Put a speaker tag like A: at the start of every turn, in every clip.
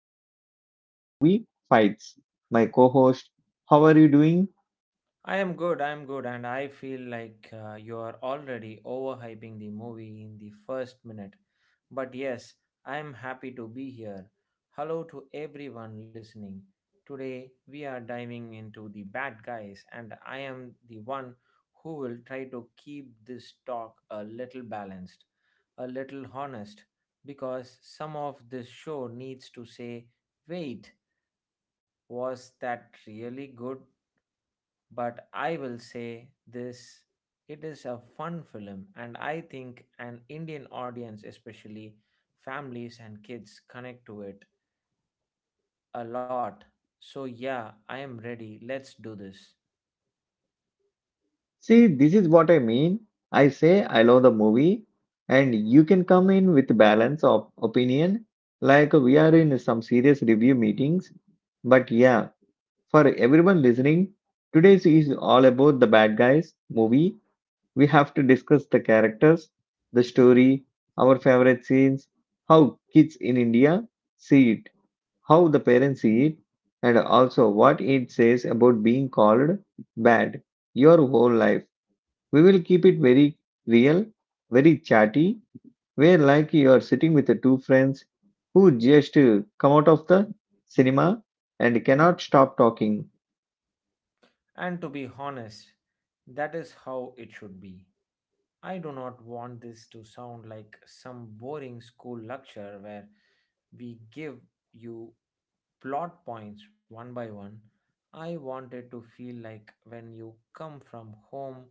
A: my partner in a movie, Fights, my co host. How are you doing?
B: I am good, and I feel like you are already overhyping the movie in the first minute. But yes, I am happy to be here. Hello to everyone listening. Today we are diving into The Bad Guys, and I am the one who will try to keep this talk a little balanced, a little honest, because some of this show needs to say, wait, was that really good? But I will say this, it is a fun film, and I think an Indian audience, especially families and kids, connect to it a lot. So, yeah, I am ready. Let's do this.
A: See, this is what I mean. I say I love the movie, and you can come in with balance of opinion, like we are in some serious review meetings. But yeah, for everyone listening, today's is all about the bad guys movie. We have to discuss the characters, the story, our favorite scenes, how kids in India see it, how the parents see it, and also what it says about being called bad your whole life. We will keep it very real, very chatty, where like you are sitting with the two friends who just come out of the cinema and cannot stop talking.
B: And to be honest, that is how it should be. I do not want this to sound like some boring school lecture where we give you plot points one by one. I wanted to feel like when you come from home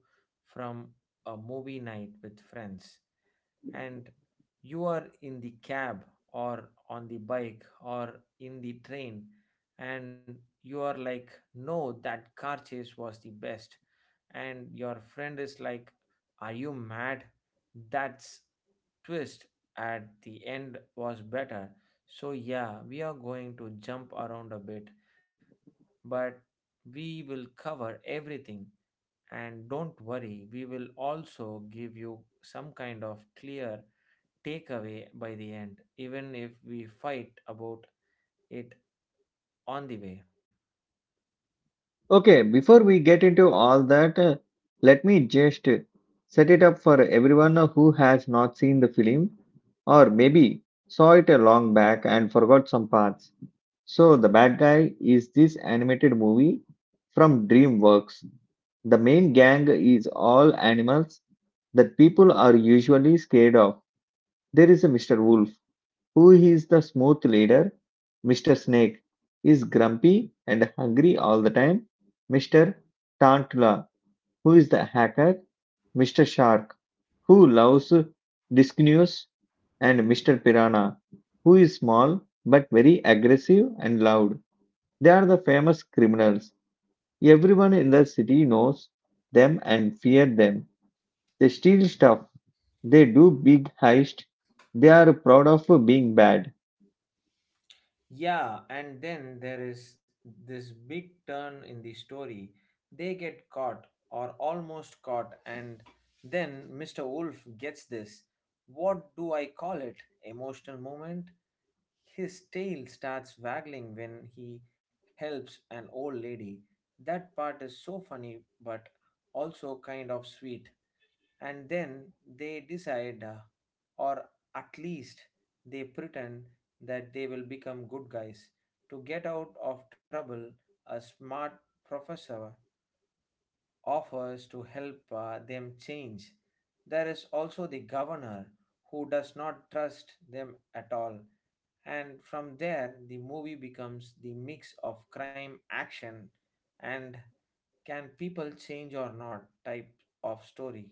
B: from a movie night with friends, and you are in the cab or on the bike or in the train, and you are like, no, that car chase was the best, and your friend is like, are you mad? That's twist at the end was better. So, yeah, we are going to jump around a bit, but we will cover everything. And don't worry, we will also give you some kind of clear takeaway by the end, even if we fight about it on the way.
A: Okay, before we get into all that, let me just set it up for everyone who has not seen the film or maybe saw it a long back and forgot some parts. So, The Bad Guy is this animated movie from DreamWorks. The main gang is all animals that people are usually scared of. There is a Mr. Wolf who is the smooth leader. Mr. Snake is grumpy and hungry all the time. Mr. Tantula, who is the hacker. Mr. Shark, who loves discontinuous. And Mr. Piranha, who is small but very aggressive and loud. They are the famous criminals. Everyone in the city knows them and fear them. They steal stuff. They do big heist. They are proud of being bad.
B: Yeah, and then there is this big turn in the story. They get caught, or almost caught, and then Mr. Wolf gets this. What do I call it? Emotional moment? His tail starts waggling when he helps an old lady. That part is so funny, but also kind of sweet. And then they decide, or at least they pretend, that they will become good guys to get out of trouble. A smart professor offers to help them change. There is also the governor who does not trust them at all, and from there the movie becomes the mix of crime action and can people change or not type of story.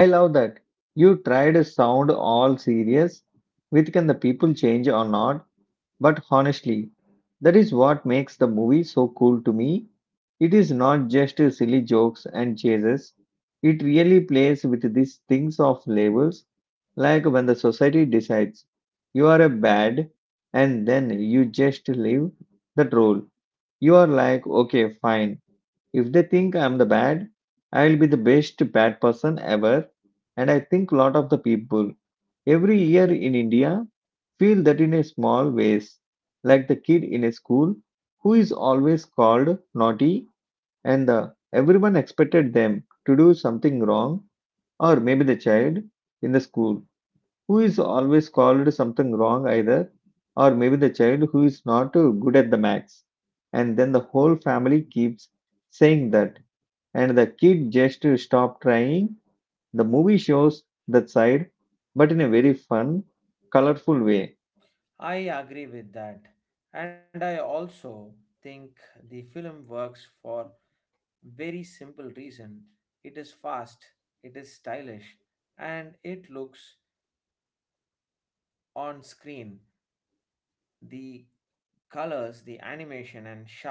A: I love that. You tried to sound all serious with can the people change or not, but honestly, that is what makes the movie so cool to me. It is not just silly jokes and chases. It really plays with these things of labels, like when the society decides you are a bad and then you just leave that role. You are like, okay, fine. If they think I'm the bad, I'll be the best bad person ever. And I think a lot of the people every year in India feel that in a small ways, like the kid in a school who is always called naughty and everyone expected them to do something wrong, or maybe the child in the school who is always called something wrong either, or maybe the child who is not good at the max. And then the whole family keeps saying that, and the kid just stop trying. The movie shows that side, but in a very fun, colorful way.
B: I agree with that. And I also think the film works for very simple reason. It is fast, it is stylish, and it looks on screen. The colors, the animation and sharp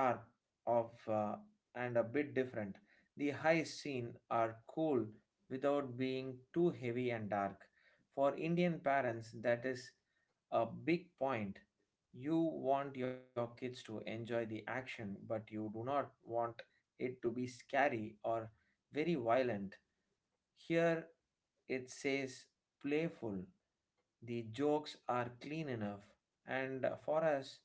B: of and a bit different, the high scene are cool without being too heavy and dark. For Indian parents, that is a big point. You want your kids to enjoy the action, but you do not want it to be scary or very violent. Here it says playful. The jokes are clean enough, and for us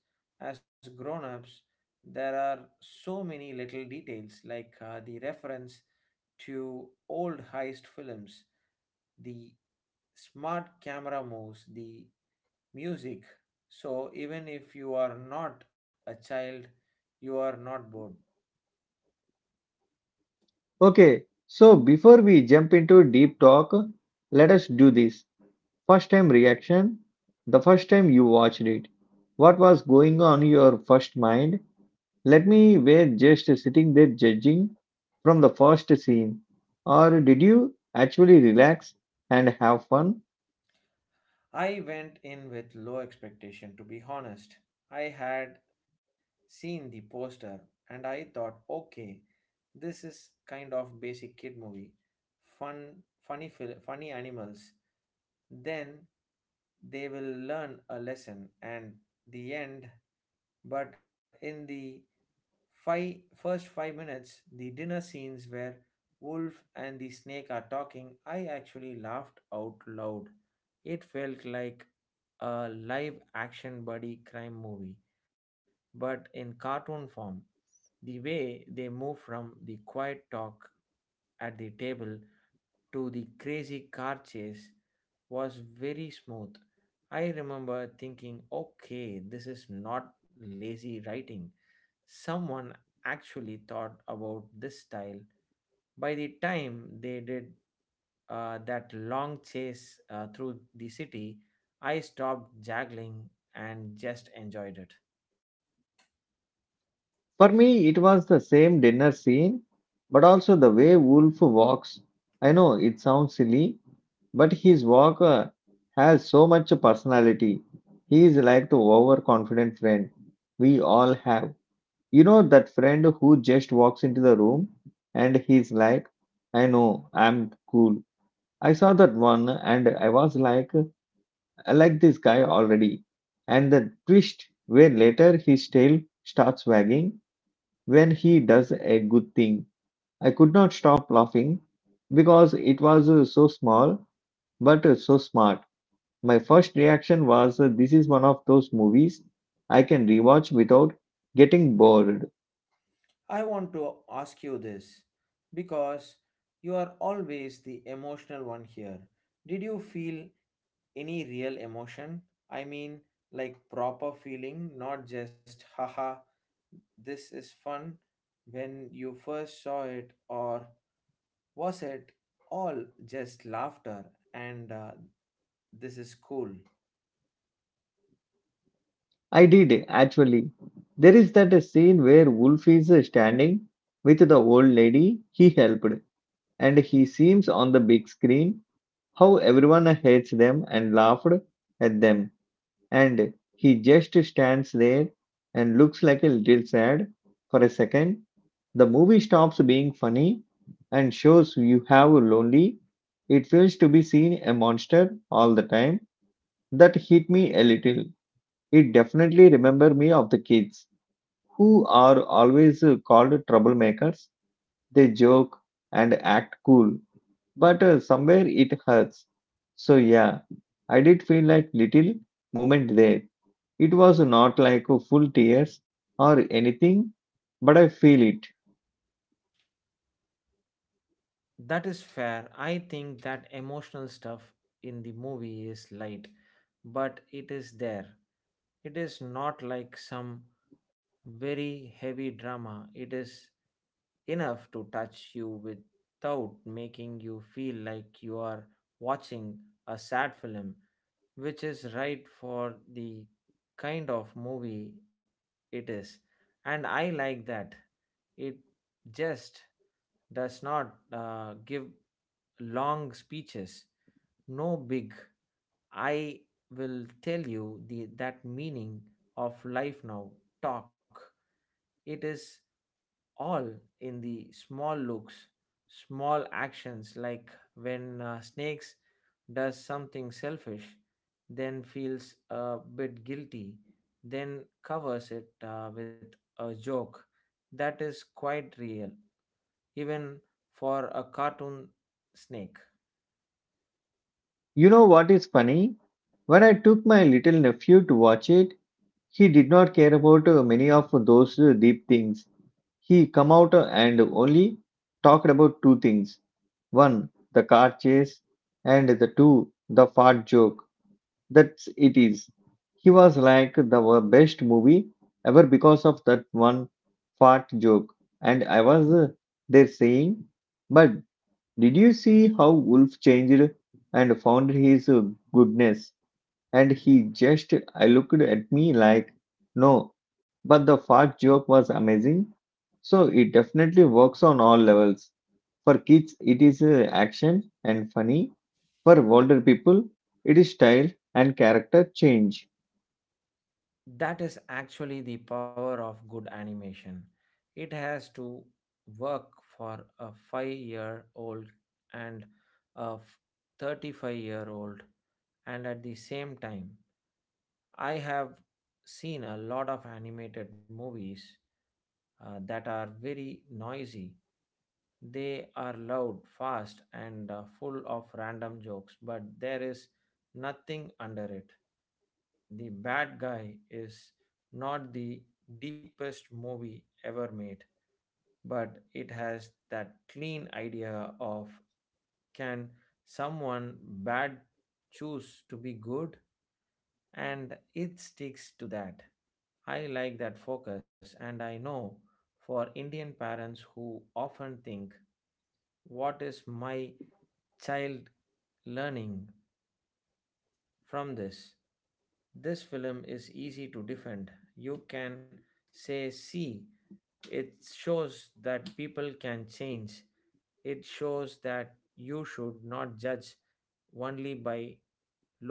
B: as grown ups, there are so many little details like the reference to old heist films, the smart camera moves, the music. So, even if you are not a child, you are not bored.
A: Okay, so before we jump into deep talk, let us do this. First time reaction, the first time you watched it. What was going on in your first mind? Let me were just sitting there judging from the first scene. Or did you actually relax and have fun?
B: I went in with low expectation, to be honest. I had seen the poster and I thought, okay, this is kind of basic kid movie, fun, funny, funny animals. Then they will learn a lesson, and the end. But in the first 5 minutes, the dinner scenes where Wolf and the snake are talking, I actually laughed out loud. It felt like a live action buddy crime movie, but in cartoon form. The way they move from the quiet talk at the table to the crazy car chase was very smooth. I remember thinking, okay, this is not lazy writing. Someone actually thought about this style. By the time they did that long chase through the city, I stopped juggling and just enjoyed it.
A: For me, it was the same dinner scene, but also the way Wolf walks. I know it sounds silly, but his walk has so much personality. He is like the overconfident friend we all have. You know, that friend who just walks into the room and he's like, I know, I'm cool. I saw that one and I was like, I like this guy already. And the twist where later his tail starts wagging when he does a good thing. I could not stop laughing because it was so small but so smart. My first reaction was this is one of those movies I can rewatch without getting bored.
B: I want to ask you this, because you are always the emotional one here. Did you feel any real emotion? I mean, like proper feeling, not just haha, this is fun, when you first saw it, or was it all just laughter and this is cool?
A: I did actually. There is that scene where Wolf is standing with the old lady he helped, and he seems on the big screen how everyone hates them and laughed at them and he just stands there and looks like a little sad for a second. The movie stops being funny and shows you how lonely it feels to be seen a monster all the time. That hit me a little. It definitely remember me of the kids who are always called troublemakers. They joke and act cool, but somewhere it hurts. So yeah, I did feel like little moment there. It was not like a full tears or anything, but I feel it.
B: That is fair. I think that emotional stuff in the movie is light, but it is there. It is not like some very heavy drama. It is enough to touch you without making you feel like you are watching a sad film, which is right for the kind of movie it is. And I like that. It just does not give long speeches, no big. I will tell you the, that meaning of life now talk. It is all in the small looks, small actions, like when snakes does something selfish, then feels a bit guilty, then covers it with a joke. That is quite real, even for a cartoon snake.
A: You know what is funny? When I took my little nephew to watch it, he did not care about many of those deep things. He come out and only talked about two things. One, the car chase and the two, the fart joke. That's it is. He was like the best movie ever because of that one fart joke. And I was there saying, but did you see how Wolf changed and found his goodness? And he just I looked at me like, no, but the fart joke was amazing. So it definitely works on all levels. For kids, it is action and funny. For older people, it is style and character change.
B: That is actually the power of good animation. It has to work for a 5 year old and a 35-year-old, and at the same time, I have seen a lot of animated movies that are very noisy. They are loud, fast, and full of random jokes, but there is nothing under it. The Bad Guy is not the deepest movie ever made, but it has that clean idea of can someone bad choose to be good? And it sticks to that. I like that focus, and I know for Indian parents who often think, what is my child learning from this? This film is easy to defend. You can say, see, it shows that people can change. It shows that you should not judge only by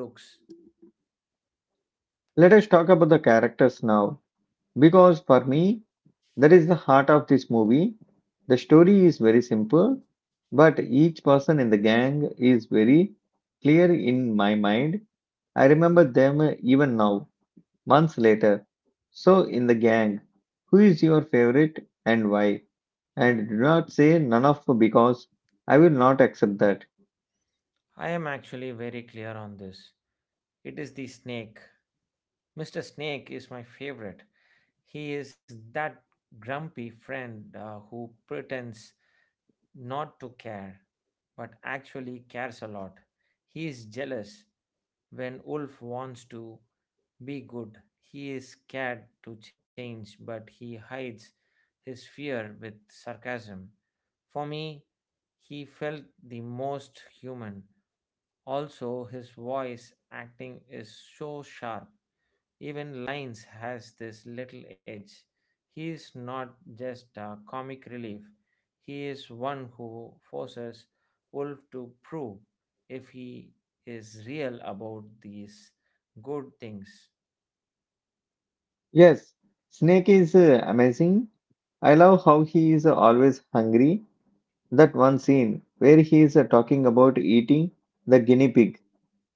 B: looks.
A: Let us talk about the characters now, because for me, that is the heart of this movie. The story is very simple, but each person in the gang is very clear in my mind. I remember them even now, months later. So, in the gang, who is your favorite and why? And do not say none of because I will not accept that.
B: I am actually very clear on this. It is the snake. Mr. Snake is my favorite. He is that grumpy friend who pretends not to care, but actually cares a lot. He is jealous when Wolf wants to be good. He is scared to change, but he hides his fear with sarcasm. For me, he felt the most human. Also, his voice acting is so sharp. Even lines has this little edge. He is not just a comic relief, he is one who forces Wolf to prove if he is real about these good things.
A: Yes, Snake is amazing. I love how he is always hungry. That one scene where he is talking about eating the guinea pig.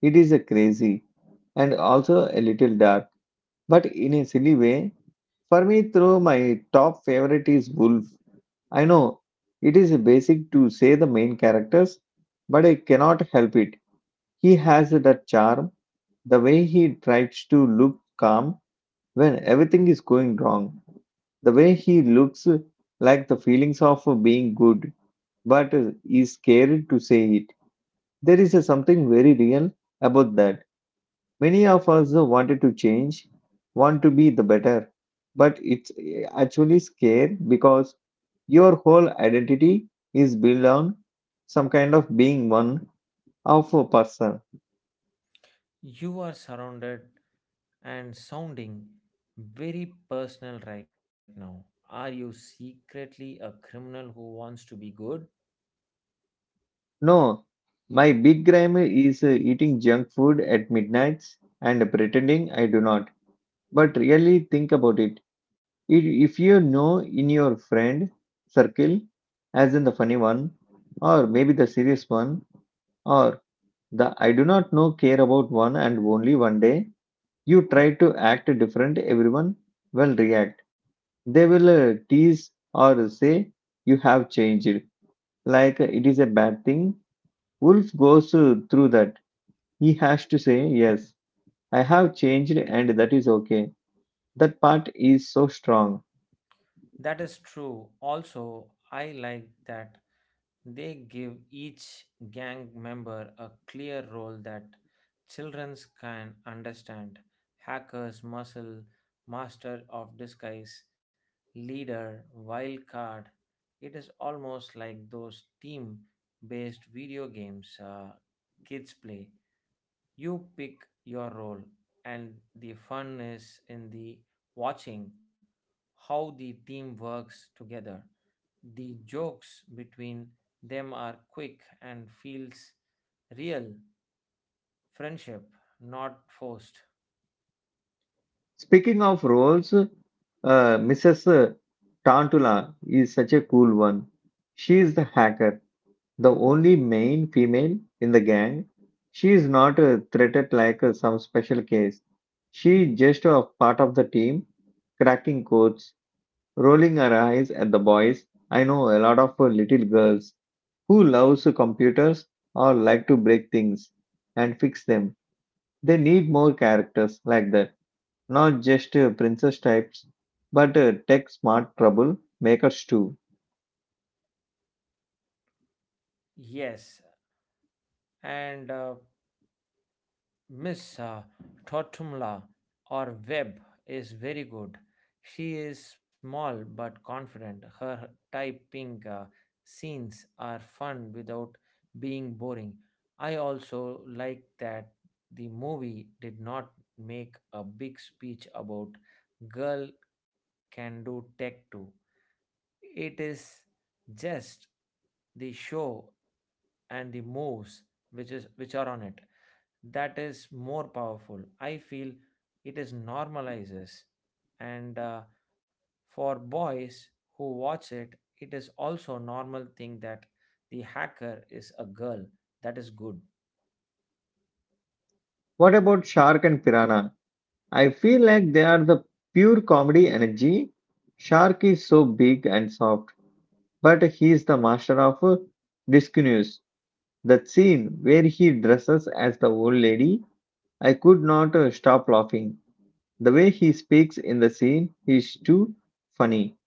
A: It is crazy and also a little dark, but in a silly way. For me, through my top favorite is Wolf. I know it is basic to say the main characters, but I cannot help it. He has that charm, the way he tries to look calm when everything is going wrong, the way he looks like the feelings of being good but is scared to say it. There is a something very real about that. Many of us wanted to change, want to be the better, but it's actually scary because your whole identity is built on some kind of being one of a person.
B: You are surrounded and sounding very personal right now. Are you secretly a criminal who wants to be good?
A: No, my big crime is eating junk food at midnights and pretending I do not. But really think about it. If you know in your friend circle, as in the funny one, or maybe the serious one, or the I do not know care about one and only one day, you try to act different, everyone will react. They will tease or say you have changed, like it is a bad thing. Wolf goes through that. He has to say, yes, I have changed, and that is okay. That part is so strong.
B: That is true. Also, I like that they give each gang member a clear role that children can understand: hackers, muscle, master of disguise, leader, wild card. It is almost like those team based video games kids play. You pick your role, and the fun is in the watching how the team works together. The jokes between them are quick and feels real friendship, not forced.
A: Speaking of roles, Mrs. Tantula is such a cool one. She is the hacker, the only main female in the gang. She is not treated like some special case. She is just a part of the team, cracking codes, rolling her eyes at the boys. I know a lot of little girls who loves computers or like to break things and fix them. They need more characters like that, not just princess types, but tech smart trouble makers too.
B: Yes, and Miss Totumla or Webb is very good. She is small but confident. Her typing scenes are fun without being boring. I also like that the movie did not make a big speech about girl can do tech too. It is just the show and the moves which is which are on it. That is more powerful, I feel. It is normalizes, and for boys who watch it, it is also normal thing that the hacker is a girl. That is good.
A: What about Shark and Piranha? I feel like they are the pure comedy energy. Shark is so big and soft, but he is the master of discontinues. That scene where he dresses as the old lady, I could not stop laughing. The way he speaks in the scene is too funny.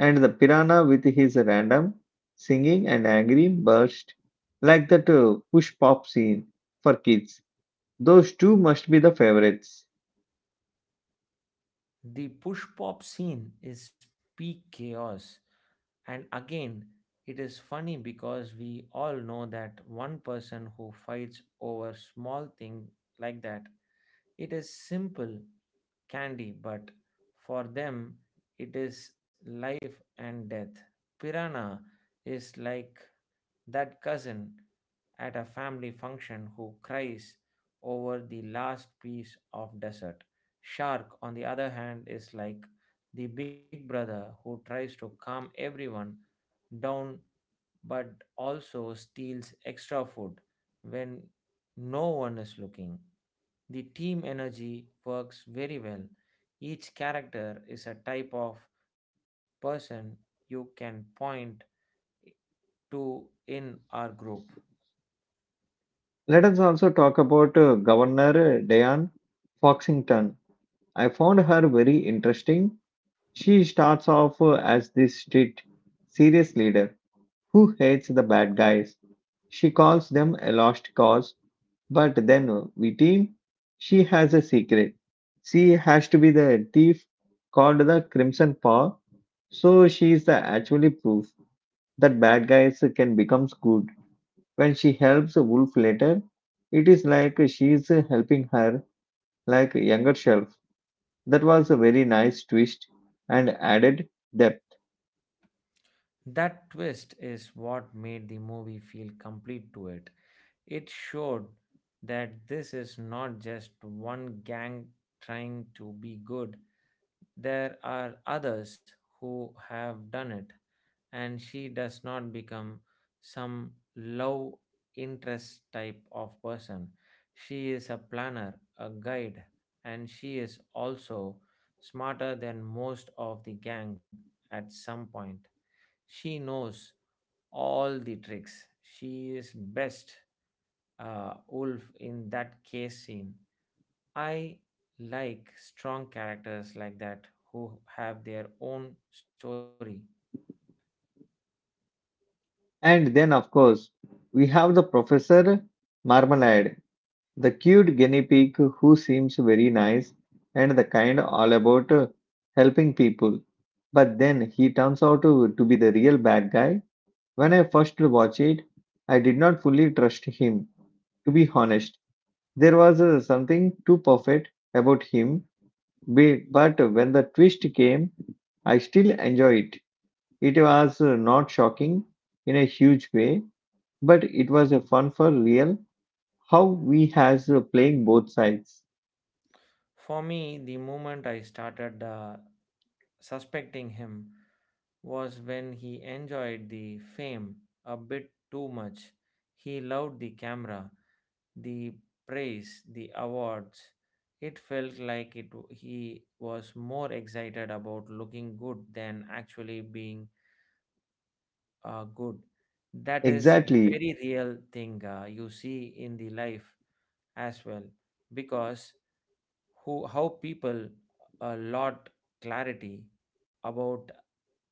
A: And the piranha with his random singing and angry burst, like that push pop scene for kids. Those two must be the favorites.
B: The push pop scene is peak chaos, and again, it is funny because we all know that one person who fights over small thing like that. It is simple candy, but for them it is life and death. Piranha is like that cousin at a family function who cries over the last piece of dessert. Shark, on the other hand, is like the big brother who tries to calm everyone down but also steals extra food when no one is looking. The team energy works very well. Each character is a type of person you can point to in our group.
A: Let us also talk about Governor Diane Foxington. I found her very interesting. She starts off as this strict, serious leader who hates the bad guys. She calls them a lost cause. But then Vitine, she has a secret. She has to be the thief called the Crimson Paw. So she is the actually proof that bad guys can become good. When she helps Wolf later, it is like she is helping her like younger self. That was a very nice twist and added depth.
B: That twist is what made the movie feel complete to it. It showed that this is not just one gang trying to be good, there are others who have done it, and she does not become some low interest type of person. She is a planner, a guide, and she is also smarter than most of the gang at some point. She knows all the tricks. She is best wolf in that case scene. I like strong characters like that who have their own story.
A: And then of course we have the Professor Marmalade, the cute guinea pig who seems very nice and the kind all about helping people. But then he turns out to be the real bad guy. When I first watched it, I did not fully trust him. To be honest, there was something too perfect about him. But when the twist came, I still enjoyed it. It was not shocking in a huge way, but it was a fun for real how we has playing both sides.
B: For me, the moment I started suspecting him was when he enjoyed the fame a bit too much. He loved the camera, the praise, the awards. It felt like it he was more excited about looking good than actually being good. That is
A: Exactly.
B: very real thing you see in the life as well, because who how people a lot clarity about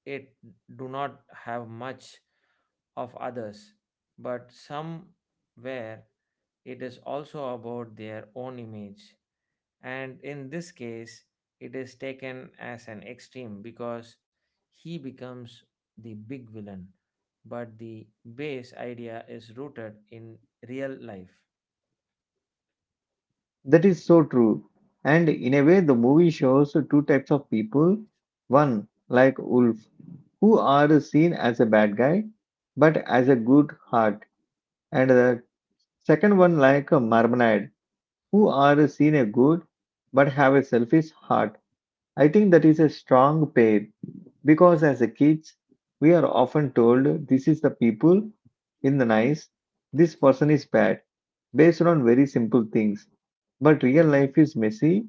B: it do not have much of others, but somewhere it is also about their own image, and in this case it is taken as an extreme because he becomes the big villain, but the base idea is rooted in real life.
A: That is so true. And in a way, the movie shows two types of people. One, like Wolf, who are seen as a bad guy, but as a good heart. And the second one, like Marmonade, who are seen a good, but have a selfish heart. I think that is a strong pair because as a kids, we are often told this is the people in the nice, this person is bad based on very simple things. But real life is messy.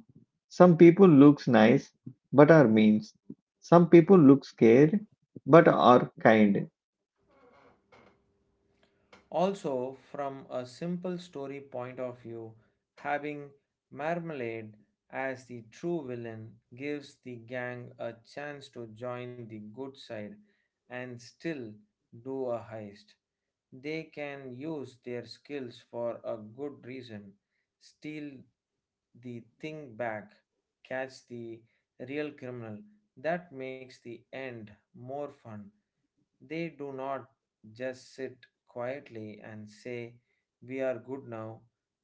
A: Some people looks nice but are mean. Some people look scared but are kind.
B: Also, from a simple story point of view, having Marmalade as the true villain gives the gang a chance to join the good side and still do a heist. They can use their skills for a good reason, steal the thing back, catch the real criminal. That makes the end more fun. They do not just sit quietly and say, "We are good now."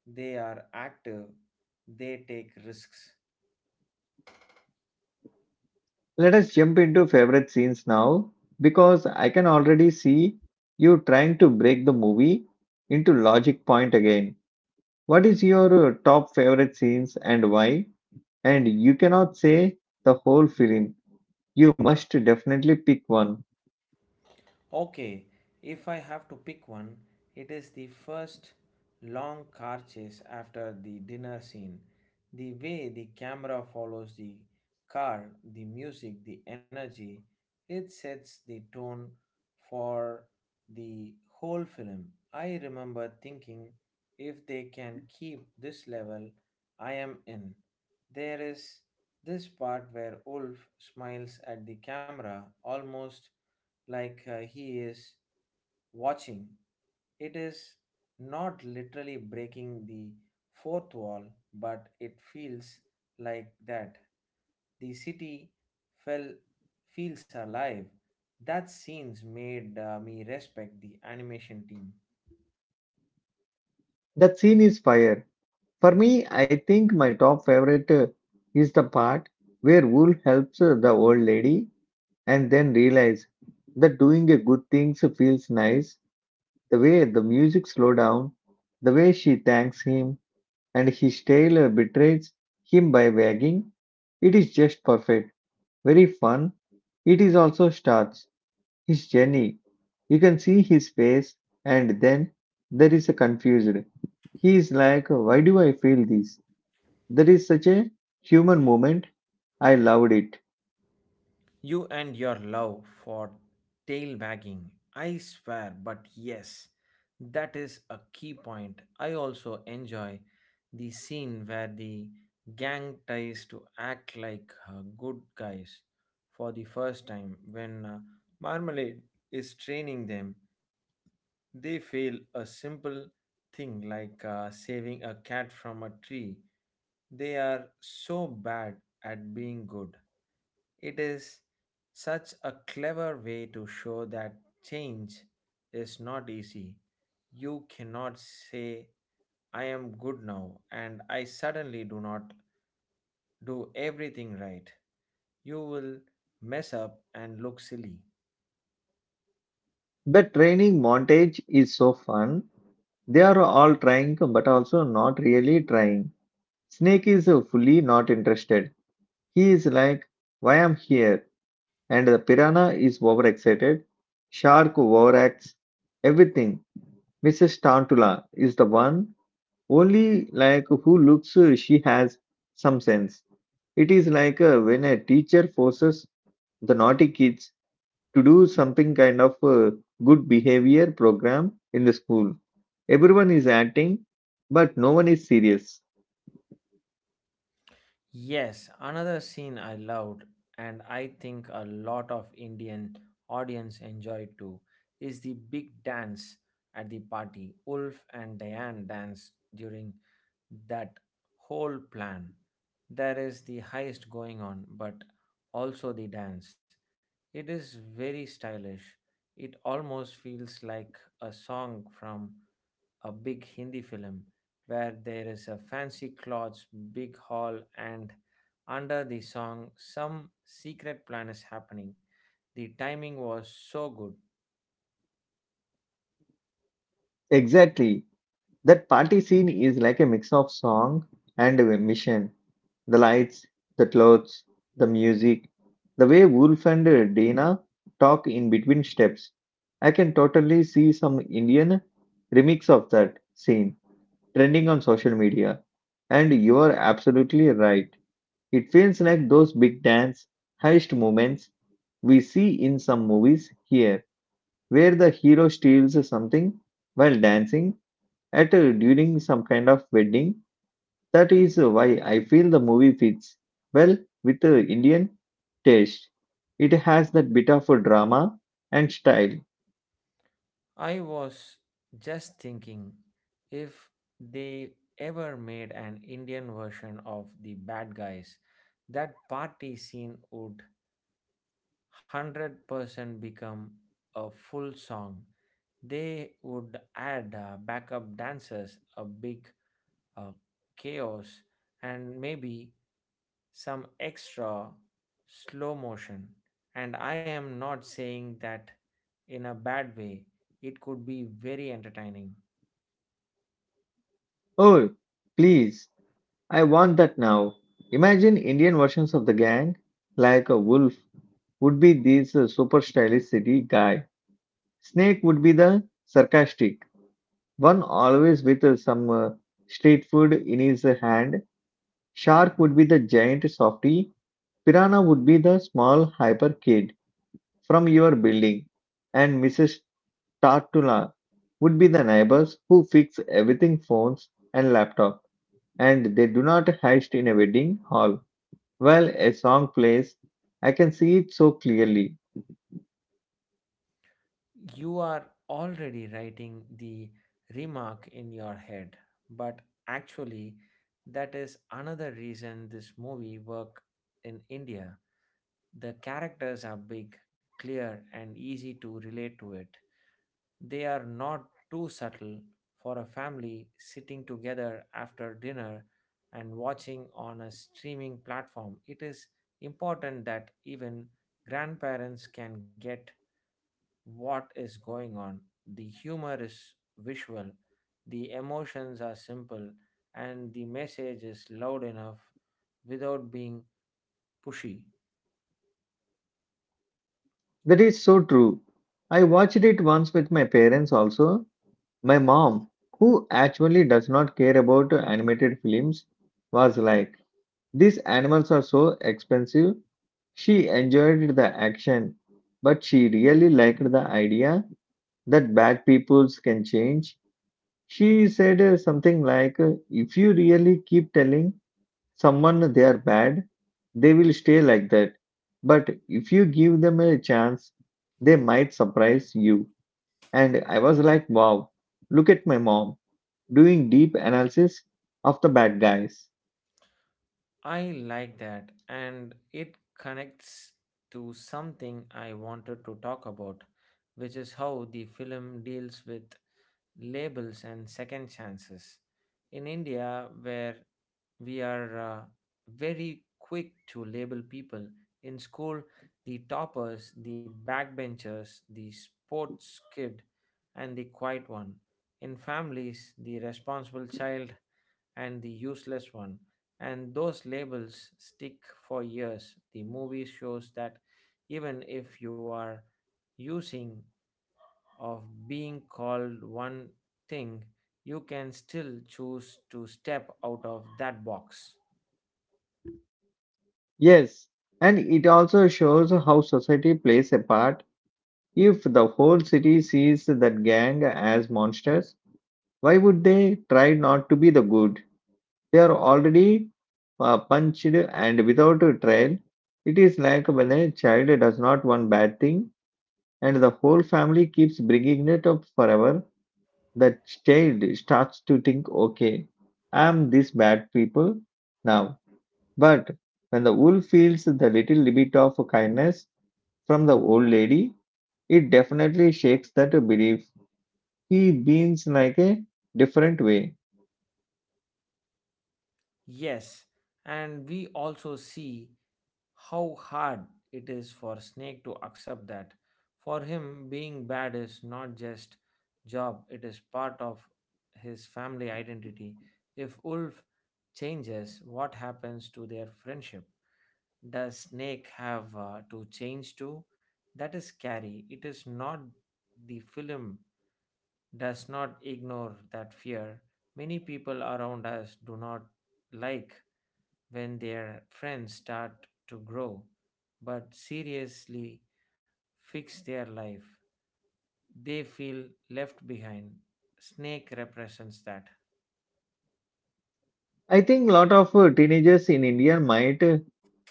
B: They are active, they take risks.
A: Let us jump into favorite scenes now because I can already see you trying to break the movie into logic point again. What is your top favorite scenes and why? And you cannot say the whole film. You must definitely pick one.
B: Okay, if I have to pick one, it is the first long car chase after the dinner scene. The way the camera follows the car, the music, the energy, it sets the tone for the whole film. I remember thinking if they can keep this level, I am in. There is this part where Ulf smiles at the camera almost like he is watching. It is not literally breaking the fourth wall, but it feels like that. The city fell, feels alive. That scenes made me respect the animation team.
A: That scene is fire. For me, I think my top favorite is the part where Wool helps the old lady and then realize that doing a good things feels nice. The way the music slow down, the way she thanks him and his tail betrays him by wagging, it is just perfect. Very fun. It is also starts his journey. You can see his face and then there is a confused. He is like, why do I feel this? There is such a human moment. I loved it.
B: You and your love for tailbagging, I swear, but yes, that is a key point. I also enjoy the scene where the gang tries to act like good guys for the first time when Marmalade is training them. They fail a simple thing like saving a cat from a tree. They are so bad at being good. It is such a clever way to show that change is not easy. You cannot say, "I am good now," and I suddenly do not do everything right. You will mess up and look silly.
A: The training montage is so fun. They are all trying, but also not really trying. Snake is fully not interested. He is like, why am here? And the piranha is overexcited. Shark overacts. Everything. Mrs. Tantula is the one only like who looks she has some sense. It is like when a teacher forces the naughty kids to do something kind of a good behavior program in the school. Everyone is acting, but no one is serious.
B: Yes, another scene I loved, and I think a lot of Indian audience enjoyed too, is the big dance at the party. Ulf and Diane dance during that whole plan. There is the heist going on, but also the dance. It is very stylish. It almost feels like a song from a big Hindi film where there is a fancy clothes, big hall, and under the song, some secret plan is happening. The timing was so good.
A: Exactly. That party scene is like a mix of song and a mission. The lights, the clothes, the music, the way Wolf and Dana talk in between steps. I can totally see some Indian remix of that scene trending on social media. And you are absolutely right. It feels like those big dance heist moments we see in some movies here, where the hero steals something while dancing during some kind of wedding. That is why I feel the movie fits well with the Indian taste. It has that bit of a drama and style.
B: I was just thinking if they ever made an Indian version of the bad guys, that party scene would 100% become a full song. They would add backup dancers, a big uh, chaos, and maybe some extra slow motion. And I am not saying that in a bad way, it could be very entertaining.
A: Oh, please, I want that now. Imagine Indian versions of the gang, like a wolf, would be this super stylish city guy. Snake would be the sarcastic one, always with some street food in his hand. Shark would be the giant softy. Piranha would be the small hyper kid from your building. And Mrs. Tartula would be the neighbors who fix everything phones and laptop. And they do not heist in a wedding hall. While a song plays, I can see it so clearly.
B: You are already writing the remark in your head, but actually, that is another reason this movie work in India. The characters are big, clear, and easy to relate to it. They are not too subtle for a family sitting together after dinner and watching on a streaming platform. It is important that even grandparents can get what is going on. The humor is visual, the emotions are simple, and the message is loud enough without being pushy.
A: That is so true. I watched it once with my parents also. My mom, who actually does not care about animated films, was like, these animals are so expensive. She enjoyed the action, but she really liked the idea that bad peoples can change. She said something like, if you really keep telling someone they are bad, they will stay like that. But if you give them a chance, they might surprise you. And I was like, wow, look at my mom doing deep analysis of the bad guys.
B: I like that, and it connects to something I wanted to talk about, which is how the film deals with labels and second chances. In India, where we are very quick to label people: in school, the toppers, the backbenchers, the sports kid, and the quiet one; in families, the responsible child and the useless one. And those labels stick for years. The movie shows that even if you are using of being called one thing, you can still choose to step out of that box.
A: Yes, and it also shows how society plays a part. If the whole city sees that gang as monsters, why would they try not to be the good? They are already punched and without a trail. It is like when a child does not want bad thing and the whole family keeps bringing it up forever. The child starts to think, okay, I am this bad people now. But when the wolf feels the little bit of kindness from the old lady, it definitely shakes that belief. He beans like a different way.
B: Yes, and we also see how hard it is for Snake to accept that. For him, being bad is not just job, it is part of his family identity. If Ulf changes, what happens to their friendship? Does Snake have to change too? That is scary. It is not the film does not ignore that fear. Many people around us do not like when their friends start to grow but seriously fix their life. They feel left behind. Snake represents that.
A: I think lot of teenagers in India might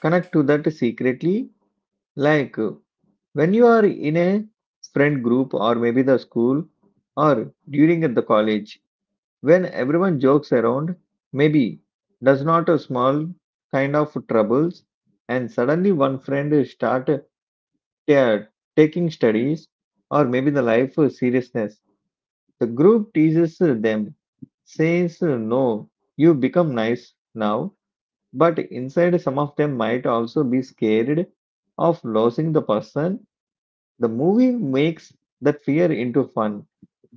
A: connect to that secretly. Like when you are in a friend group or maybe the school or during at the college, when everyone jokes around, maybe does not a small kind of troubles, and suddenly one friend start, yeah, taking studies or maybe the life seriousness. The group teases them, says, no, you become nice now. But inside, some of them might also be scared of losing the person. The movie makes that fear into fun,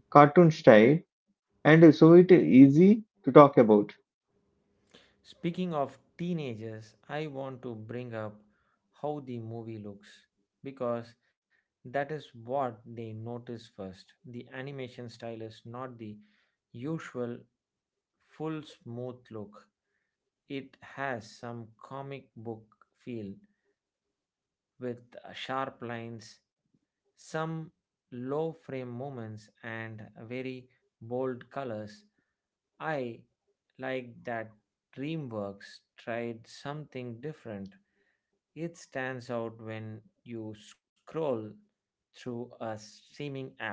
A: cartoon style, and so it is easy to talk about.
B: Speaking of teenagers, I want to bring up how the movie looks because that is what they notice first. The animation style is not the usual full smooth look, it has some comic book feel with sharp lines, some low frame moments, and very bold colors. I like that DreamWorks tried something different. It stands out when you scroll through a streaming app.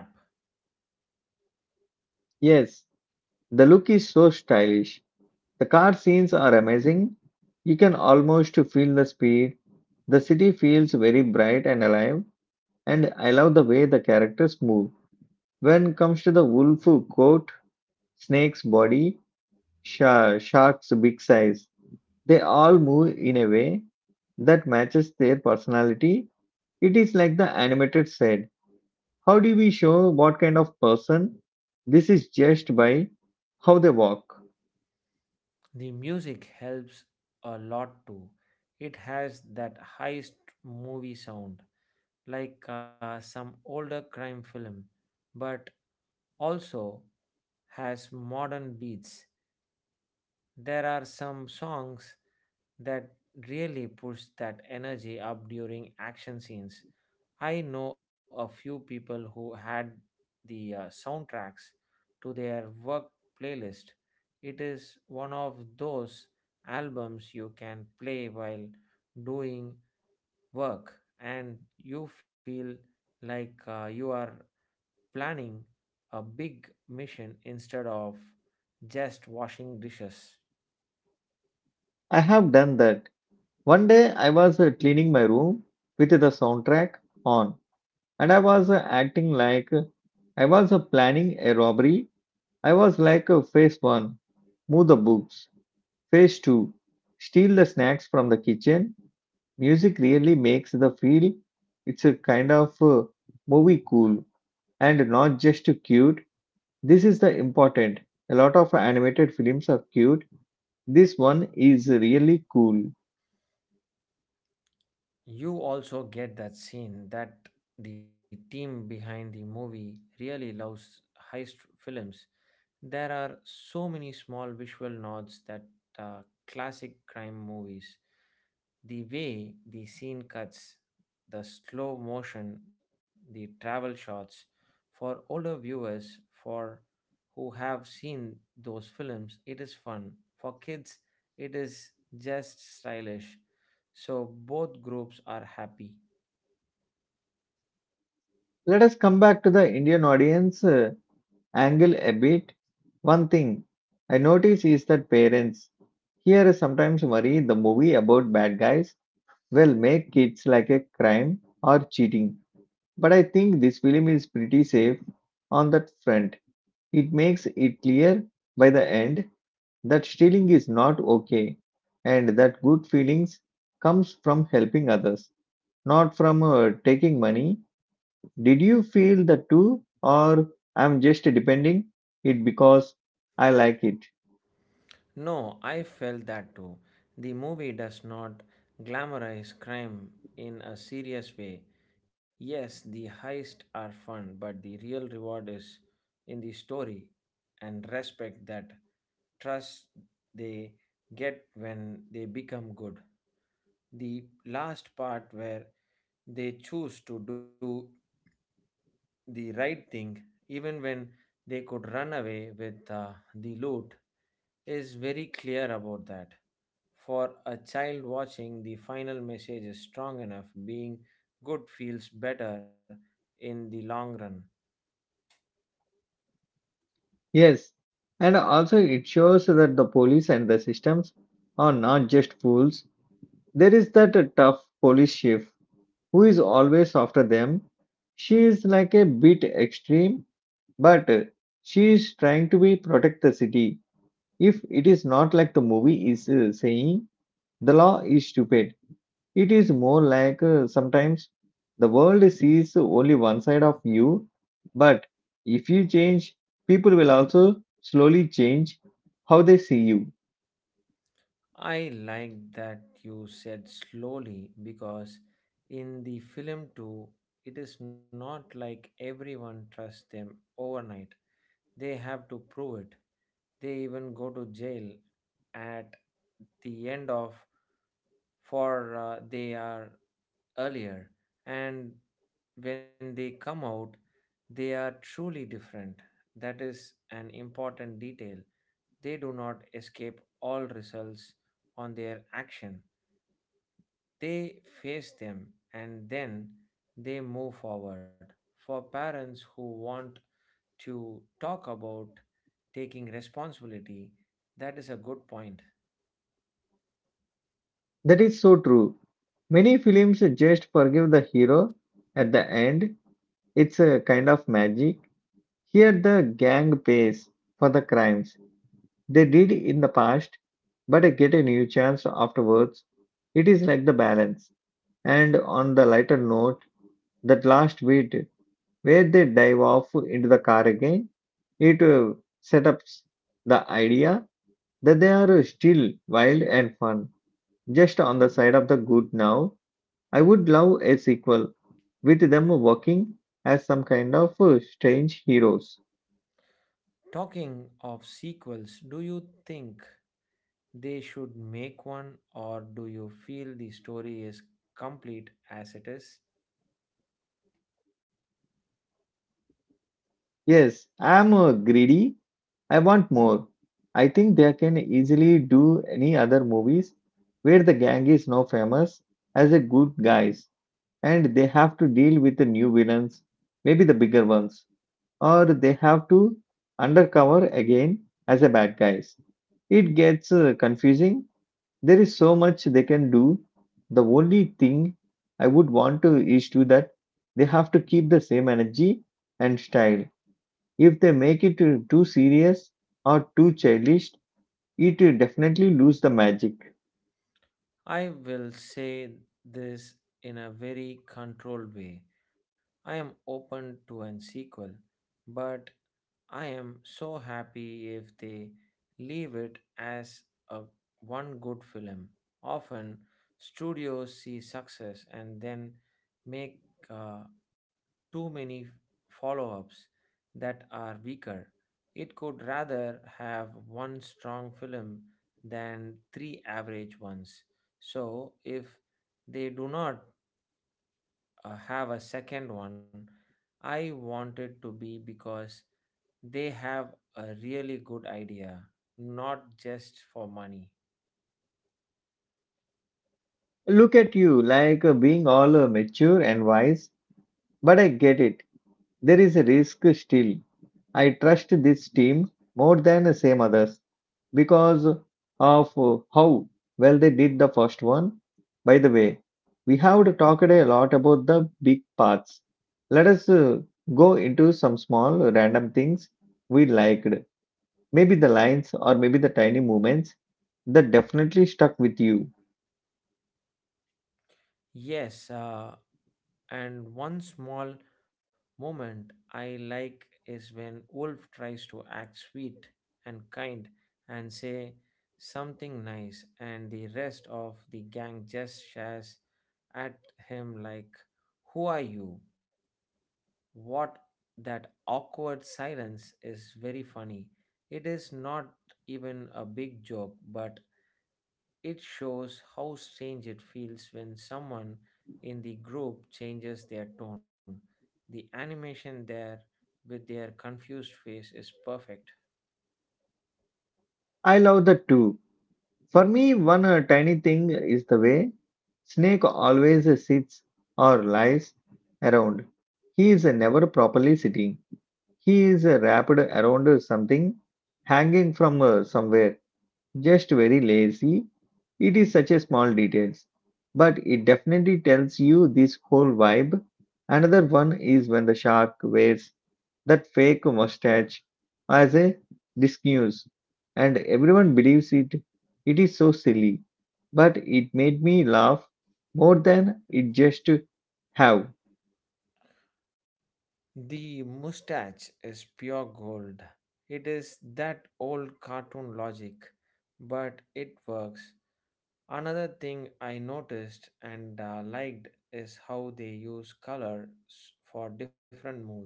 A: Yes, the look is so stylish. The car scenes are amazing. You can almost feel the speed. The city feels very bright and alive, and I love the way the characters move. When it comes to the wolf coat, snake's body, shark's big size, they all move in a way that matches their personality. It is like the animated said. How do we show what kind of person? This is just by how they walk.
B: The music helps a lot too. It has that high movie sound, like some older crime film, but also has modern beats. There are some songs that really push that energy up during action scenes. I know a few people who had the soundtracks to their work playlist. It is one of those albums you can play while doing work and you feel like you are planning a big mission instead of just washing dishes.
A: I have done that. One day I was cleaning my room with the soundtrack on, and I was acting like I was planning a robbery. I was like phase one, move the books, phase two, steal the snacks from the kitchen. Music really makes the feel it's a kind of movie cool and not just cute. This is the important. A lot of animated films are cute. This one is really cool.
B: You also get that scene that the team behind the movie really loves heist films. There are so many small visual nods that classic crime movies. The way the scene cuts, the slow motion, the travel shots for older viewers for who have seen those films, it is fun. For kids, it is just stylish, so both groups are happy.
A: Let us come back to the Indian audience. Angle a bit, one thing I notice is that parents here sometimes worry the movie about bad guys will make kids like a crime or cheating. But I think this film is pretty safe on that front. It makes it clear by the end that stealing is not okay and that good feelings comes from helping others, not from taking money. Did you feel that too? Or I'm just depending it because I like it.
B: No, I felt that too. The movie does not glamorize crime in a serious way. Yes, the heists are fun, but the real reward is in the story and respect that trust they get when they become good. The last part where they choose to do the right thing, even when they could run away with the loot, is very clear about that. For a child watching, the final message is strong enough. Being good feels better in the long run.
A: Yes. And also it shows that the police and the systems are not just fools. There is that tough police chief who is always after them. She is like a bit extreme, but she is trying to be protect the city. If it is not like the movie is saying, the law is stupid. It is more like sometimes the world sees only one side of you, but if you change, people will also slowly change how they see you.
B: I like that you said slowly because in the film too, it is not like everyone trusts them overnight. They have to prove it. They even go to jail at the end of for they are earlier, and when they come out, they are truly different. That is an important detail. They do not escape all results on their action. They face them and then they move forward. For parents who want to talk about taking responsibility, that is a good point.
A: That is so true. Many films just forgive the hero at the end. It's a kind of magic. Here, the gang pays for the crimes they did in the past, but get a new chance afterwards. It is like the balance. And on the lighter note, that last bit where they dive off into the car again. It setups the idea that they are still wild and fun, just on the side of the good now. I would love a sequel with them working as some kind of strange heroes.
B: Talking of sequels, do you think they should make one, or do you feel the story is complete as it is?
A: Yes, I'm greedy. I want more. I think they can easily do any other movies where the gang is now famous as a good guys and they have to deal with the new villains, maybe the bigger ones. Or they have to undercover again as a bad guys. It gets confusing. There is so much they can do. The only thing I would want to is to that they have to keep the same energy and style. If they make it too serious or too childish, it will definitely lose the magic.
B: I will say this in a very controlled way. I am open to an sequel, but I am so happy if they leave it as a one good film. Often studios see success and then make uh, too many follow-ups that are weaker. It could rather have one strong film than three average ones. So if they do not have a second one. I wanted to be because they have a really good idea, not just for money.
A: Look at you, like being all mature and wise, but I get it. There is a risk still. I trust this team more than the same others, because of how well they did the first one. By the way, we have talked a lot about the big parts. Let us go into some small random things we liked. Maybe the lines or maybe the tiny movements that definitely stuck with you.
B: Yes, and one small moment I like is when Wolf tries to act sweet and kind and say something nice, and the rest of the gang just shares at him like, "Who are you? What?" That awkward silence is very funny. It is not even a big joke, but it shows how strange it feels when someone in the group changes their tone. The animation there with their confused face is perfect.
A: I love that too. For me, one tiny thing is the way Snake always sits or lies around. He is never properly sitting. He is wrapped around something hanging from somewhere, just very lazy. It is such a small details, but it definitely tells you this whole vibe. Another one is when the shark wears that fake mustache as a disguise, and everyone believes it. It is so silly, but it made me laugh more than it just have.
B: The mustache is pure gold. It is that old cartoon logic, but it works. Another thing I noticed and liked is how they use color for different moods.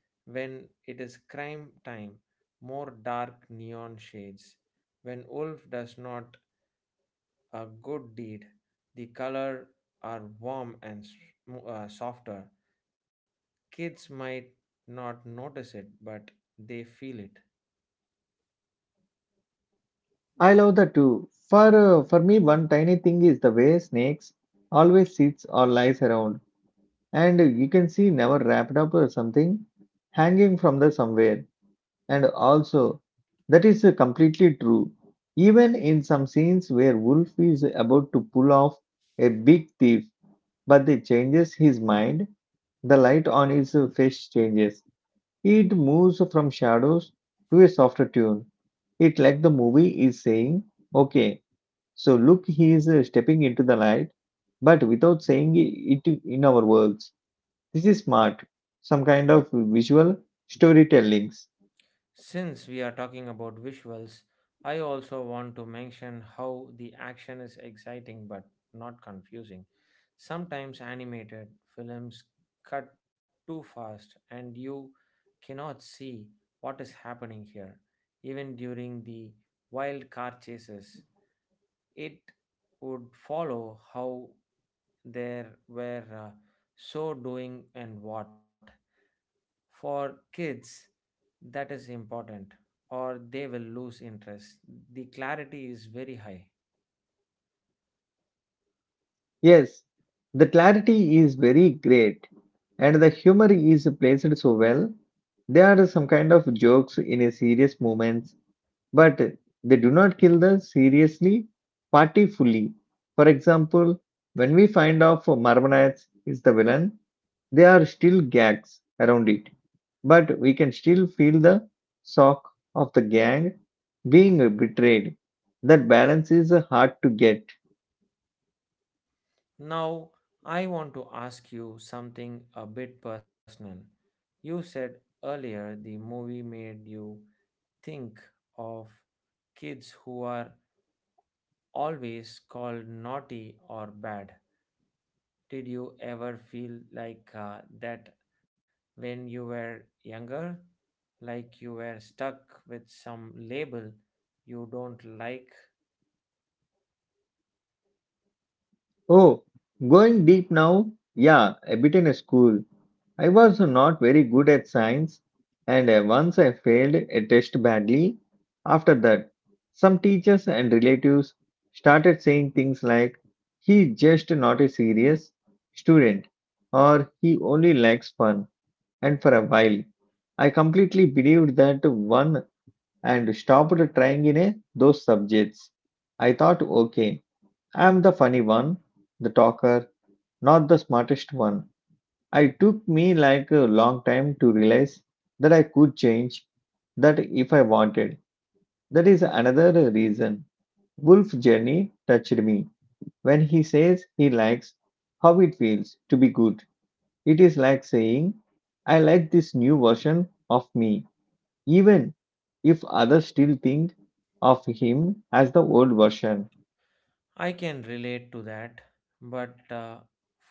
B: When it is crime time, more dark neon shades. When Wolf does not a good deed, the color are warm and softer. Kids might not notice it, but they feel it.
A: I love that too. For me, one tiny thing is the way snakes always sits or lies around, and you can see never wrapped up or something hanging from the somewhere. And also, that is completely true. Even in some scenes where Wolf is about to pull off a big thief, but they changes his mind. The light on his face changes. It moves from shadows to a softer tune. It like the movie is saying, "Okay." So look, he is stepping into the light, but without saying it in our words. This is smart, some kind of visual storytellings.
B: Since we are talking about visuals, I also want to mention how the action is exciting but not confusing. Sometimes animated films cut too fast and you cannot see what is happening here. Even during the wild car chases, it would follow how there were so doing and what. For kids, that is important, or they will lose interest. The clarity is very high.
A: Yes, the clarity is very great, and the humor is placed so well. There are some kind of jokes in a serious moments, but they do not kill the seriously party fully. For example, when we find out Marmonite is the villain, there are still gags around it, but we can still feel the shock of the gang being betrayed. That balance is hard to get.
B: Now I want to ask you something a bit personal. You said earlier the movie made you think of kids who are always called naughty or bad. Did you ever feel like that when you were younger? Like you were stuck with some label you don't like?
A: Oh, going deep now? Yeah, a bit in school. I was not very good at science, and once I failed a test badly. After that, some teachers and relatives started saying things like, "He's just not a serious student," or, "He only likes fun." And for a while, I completely believed that one and stopped trying in a, those subjects. I thought, okay, I'm the funny one, the talker, not the smartest one. It took me like a long time to realize that I could change that if I wanted. That is another reason Wolf Journey touched me. When he says he likes how it feels to be good, it is like saying, "I like this new version of me even if others still think of him as the old version."
B: I can relate to that, but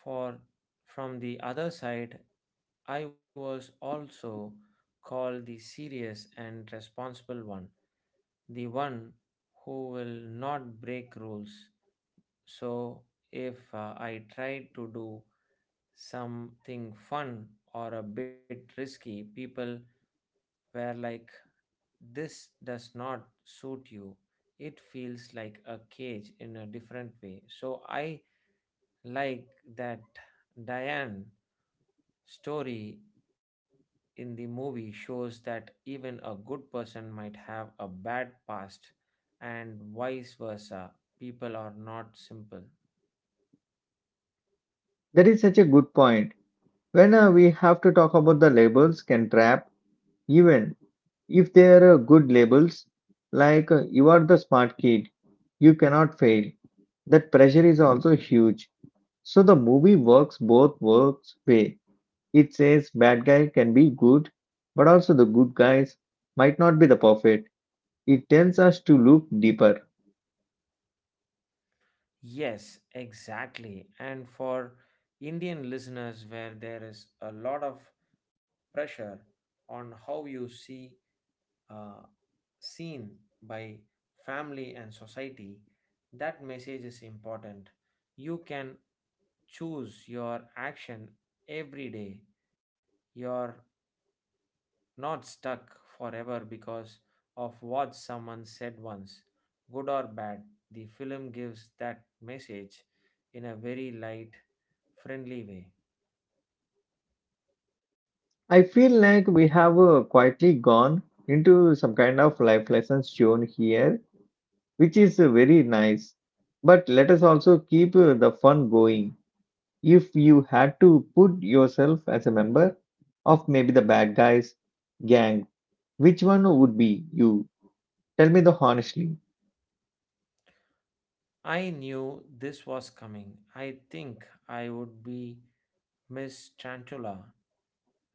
B: for from the other side, I was also called the serious and responsible one, the one who will not break rules. So if I tried to do something fun or a bit risky, people were like, "This does not suit you." It feels like a cage in a different way. So I like that Diane story in the movie shows that even a good person might have a bad past and vice versa. People are not simple.
A: That is such a good point. When we have to talk about the labels can trap, even if they are good labels, like you are the smart kid, you cannot fail. That pressure is also huge. So the movie works both works way. It says bad guy can be good, but also the good guys might not be the perfect. It tells us to look deeper.
B: Yes, exactly. And for Indian listeners, where there is a lot of pressure on how you see uh, seen by family and society, that message is important. You can choose your action every day. Your not stuck forever because of what someone said once, good or bad. The film gives that message in a very light, friendly way.
A: I feel like we have quietly gone into some kind of life lessons shown here, which is very nice. But let us also keep the fun going. If you had to put yourself as a member of maybe the bad guys gang, which one would be you? Tell me the honestly.
B: I knew this was coming. I think I would be Miss Chantula,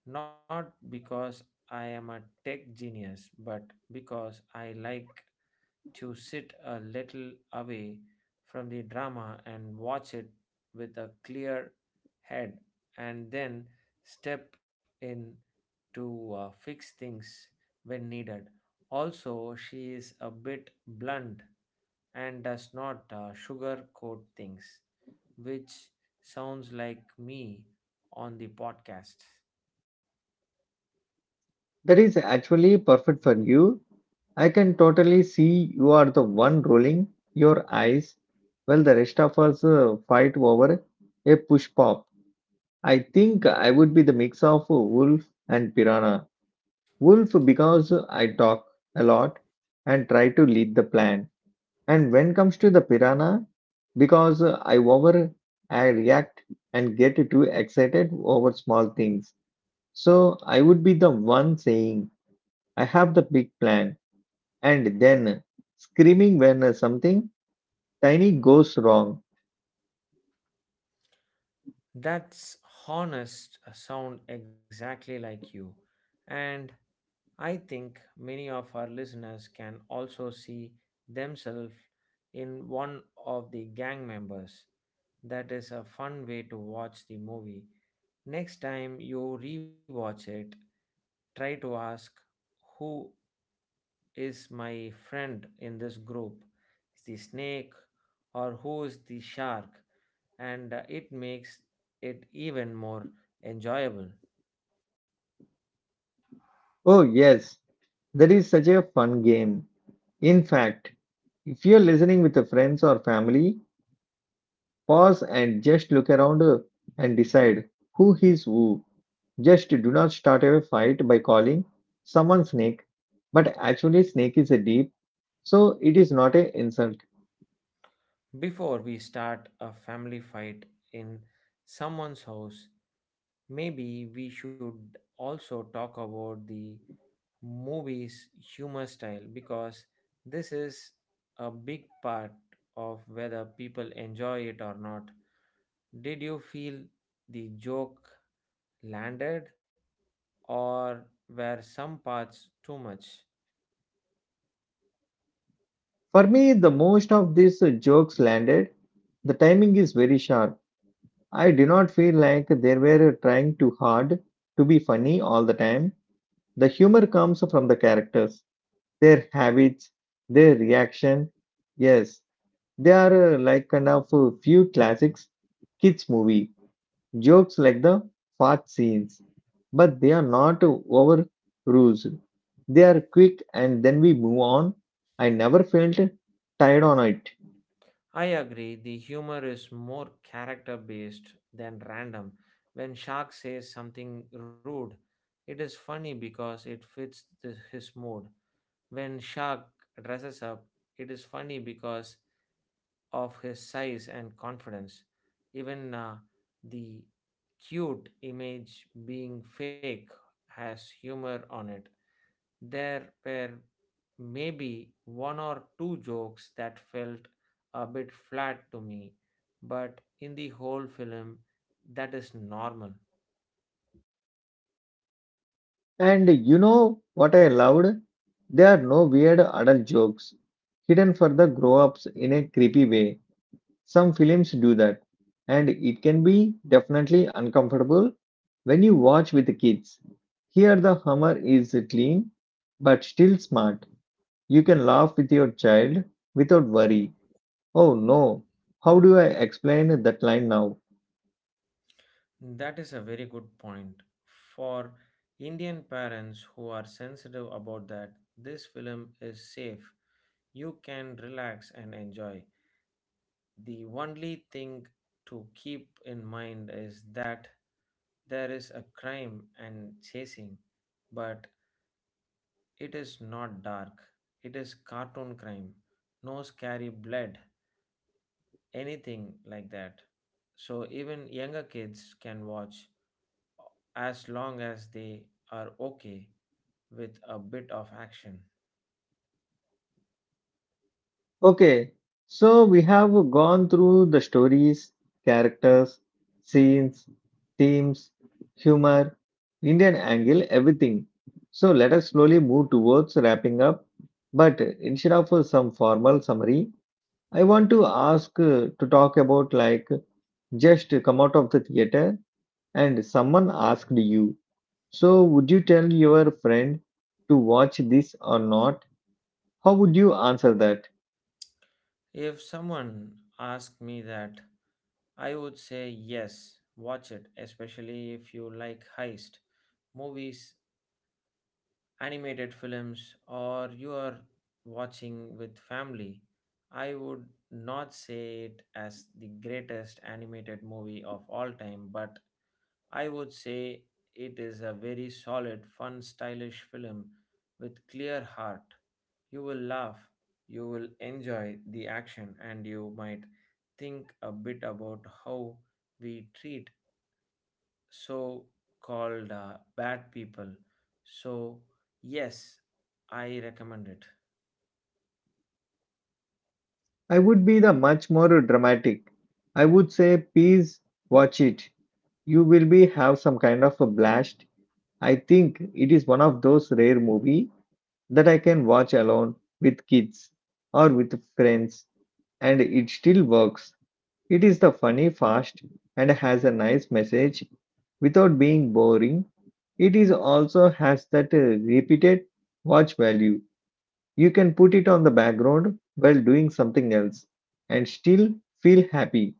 B: not because I am a tech genius, but because I like to sit a little away from the drama and watch it with a clear head and then step in to fix things when needed. Also, she is a bit blunt and does not sugarcoat things, which sounds like me on the podcast.
A: That is actually perfect for you. I can totally see you are the one rolling your eyes while the rest of us fight over a push pop. I think I would be the mix of wolf and piranha. Wolf because I talk a lot and try to lead the plan. And when comes to the piranha, because I react and get too excited over small things. So I would be the one saying I have the big plan and then screaming when something tiny goes wrong.
B: That's honest sound exactly like you. And I think many of our listeners can also see themselves in one of the gang members. That is a fun way to watch the movie. Next time you rewatch it, try to ask who is my friend in this group, is the snake or who is the shark, and it makes it even more enjoyable.
A: Oh yes, that is such a fun game. In fact, if you're listening with friends or family, pause and just look around and decide who is who. Just do not start a fight by calling someone snake, but actually, snake is a deep, so it is not an insult.
B: Before we start a family fight in someone's house, maybe we should also talk about the movie's humor style, because this is a big part of whether people enjoy it or not. Did you feel the joke landed, or were some parts too much?
A: For me, the most of these jokes landed. The timing is very sharp. I do not feel like they were trying too hard to be funny all the time. The humor comes from the characters, their habits, their reaction. Yes, they are like kind of a few classics kids movie jokes like the fart scenes, but they are not over rules. They are quick and then we move on. I never felt tired on it.
B: I agree, the humor is more character based than random. When Shark says something rude, it is funny because it fits his mood. When Shark dresses up, it is funny because of his size and confidence. Even the cute image being fake has humor on it. There were maybe one or two jokes that felt a bit flat to me, but in the whole film, that is normal.
A: And you know what I loved? There are no weird adult jokes hidden for the grown ups in a creepy way. Some films do that, and it can be definitely uncomfortable when you watch with the kids. Here, the humor is clean but still smart. You can laugh with your child without worry. Oh no, how do I explain that line now?
B: That is a very good point. For Indian parents who are sensitive about that, this film is safe. You can relax and enjoy. The only thing to keep in mind is that there is a crime and chasing, but it is not dark. It is cartoon crime. No scary blood, anything like that. So even younger kids can watch as long as they are okay with a bit of action.
A: Okay, so we have gone through the stories, characters, scenes, themes, humor, Indian angle, everything. So let us slowly move towards wrapping up. But instead of some formal summary, I want to ask to talk about like just come out of the theater and someone asked you, so would you tell your friend to watch this or not? How would you answer that?
B: If someone asked me that, I would say yes, watch it, especially if you like heist movies, animated films, or you are watching with family. I would not say it as the greatest animated movie of all time, but I would say it is a very solid, fun, stylish film with clear heart. You will laugh, you will enjoy the action, and you might think a bit about how we treat so called bad people. So, yes, I recommend it.
A: I would be the much more dramatic. I would say, please watch it. You will be have some kind of a blast. I think it is one of those rare movie that I can watch alone with kids or with friends, and it still works. It is the funny, fast, and has a nice message without being boring. It is also has that repeated watch value. You can put it on the background while doing something else and still feel happy.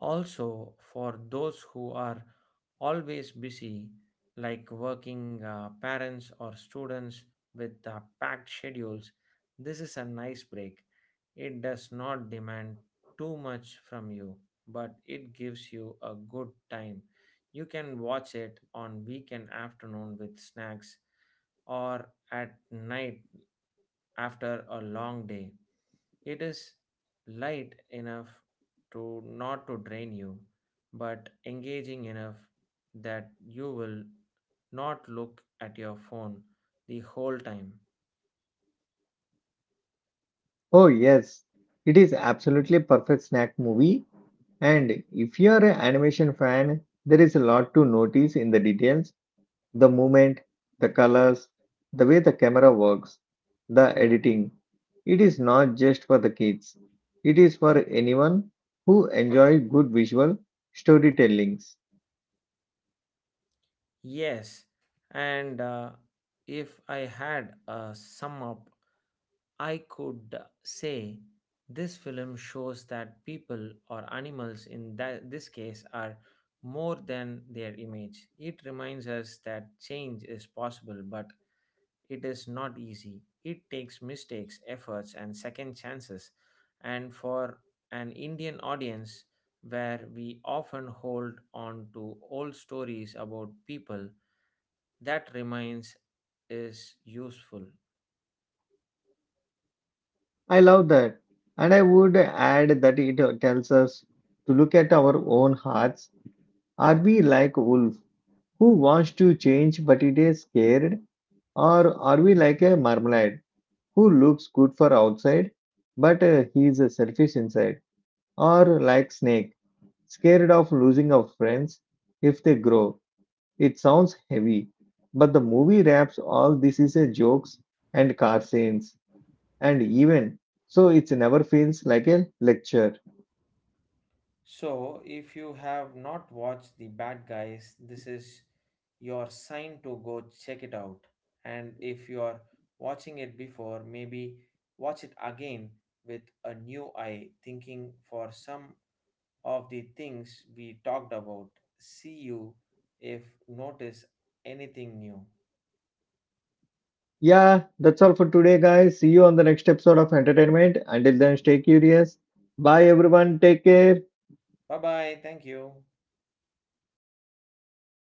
B: Also, for those who are always busy, like working parents or students with packed schedules, this is a nice break. It does not demand too much from you, but it gives you a good time. You can watch it on weekend afternoon with snacks or at night after a long day. It is light enough to not to drain you, but engaging enough that you will not look at your phone the whole time.
A: Oh, yes, it is absolutely perfect snack movie. And if you are an animation fan, there is a lot to notice in the details, the movement, the colors, the way the camera works, the editing. It is not just for the kids, it is for anyone who enjoy good visual storytellings.
B: Yes, and if I had a sum up, I could say this film shows that people or animals, in this case, are more than their image. It reminds us that change is possible, but it is not easy. It takes mistakes, efforts, and second chances. And for an Indian audience, where we often hold on to old stories about people, that remains is useful.
A: I love that. And I would add that it tells us to look at our own hearts. Are we like wolf who wants to change but it is scared? Or are we like a marmalade who looks good for outside but he is a selfish inside? Or like snake, scared of losing our friends if they grow. It sounds heavy, but the movie wraps all this is a jokes and car scenes and even so it never feels like a lecture.
B: So, if you have not watched The Bad Guys, this is your sign to go check it out. And if you are watching it before, maybe watch it again with a new eye, thinking for some of the things we talked about. See you if notice anything new.
A: Yeah, that's all for today, guys. See you on the next episode of Entertainment. Until then, stay curious. Bye, everyone. Take care.
B: Bye bye. Thank you.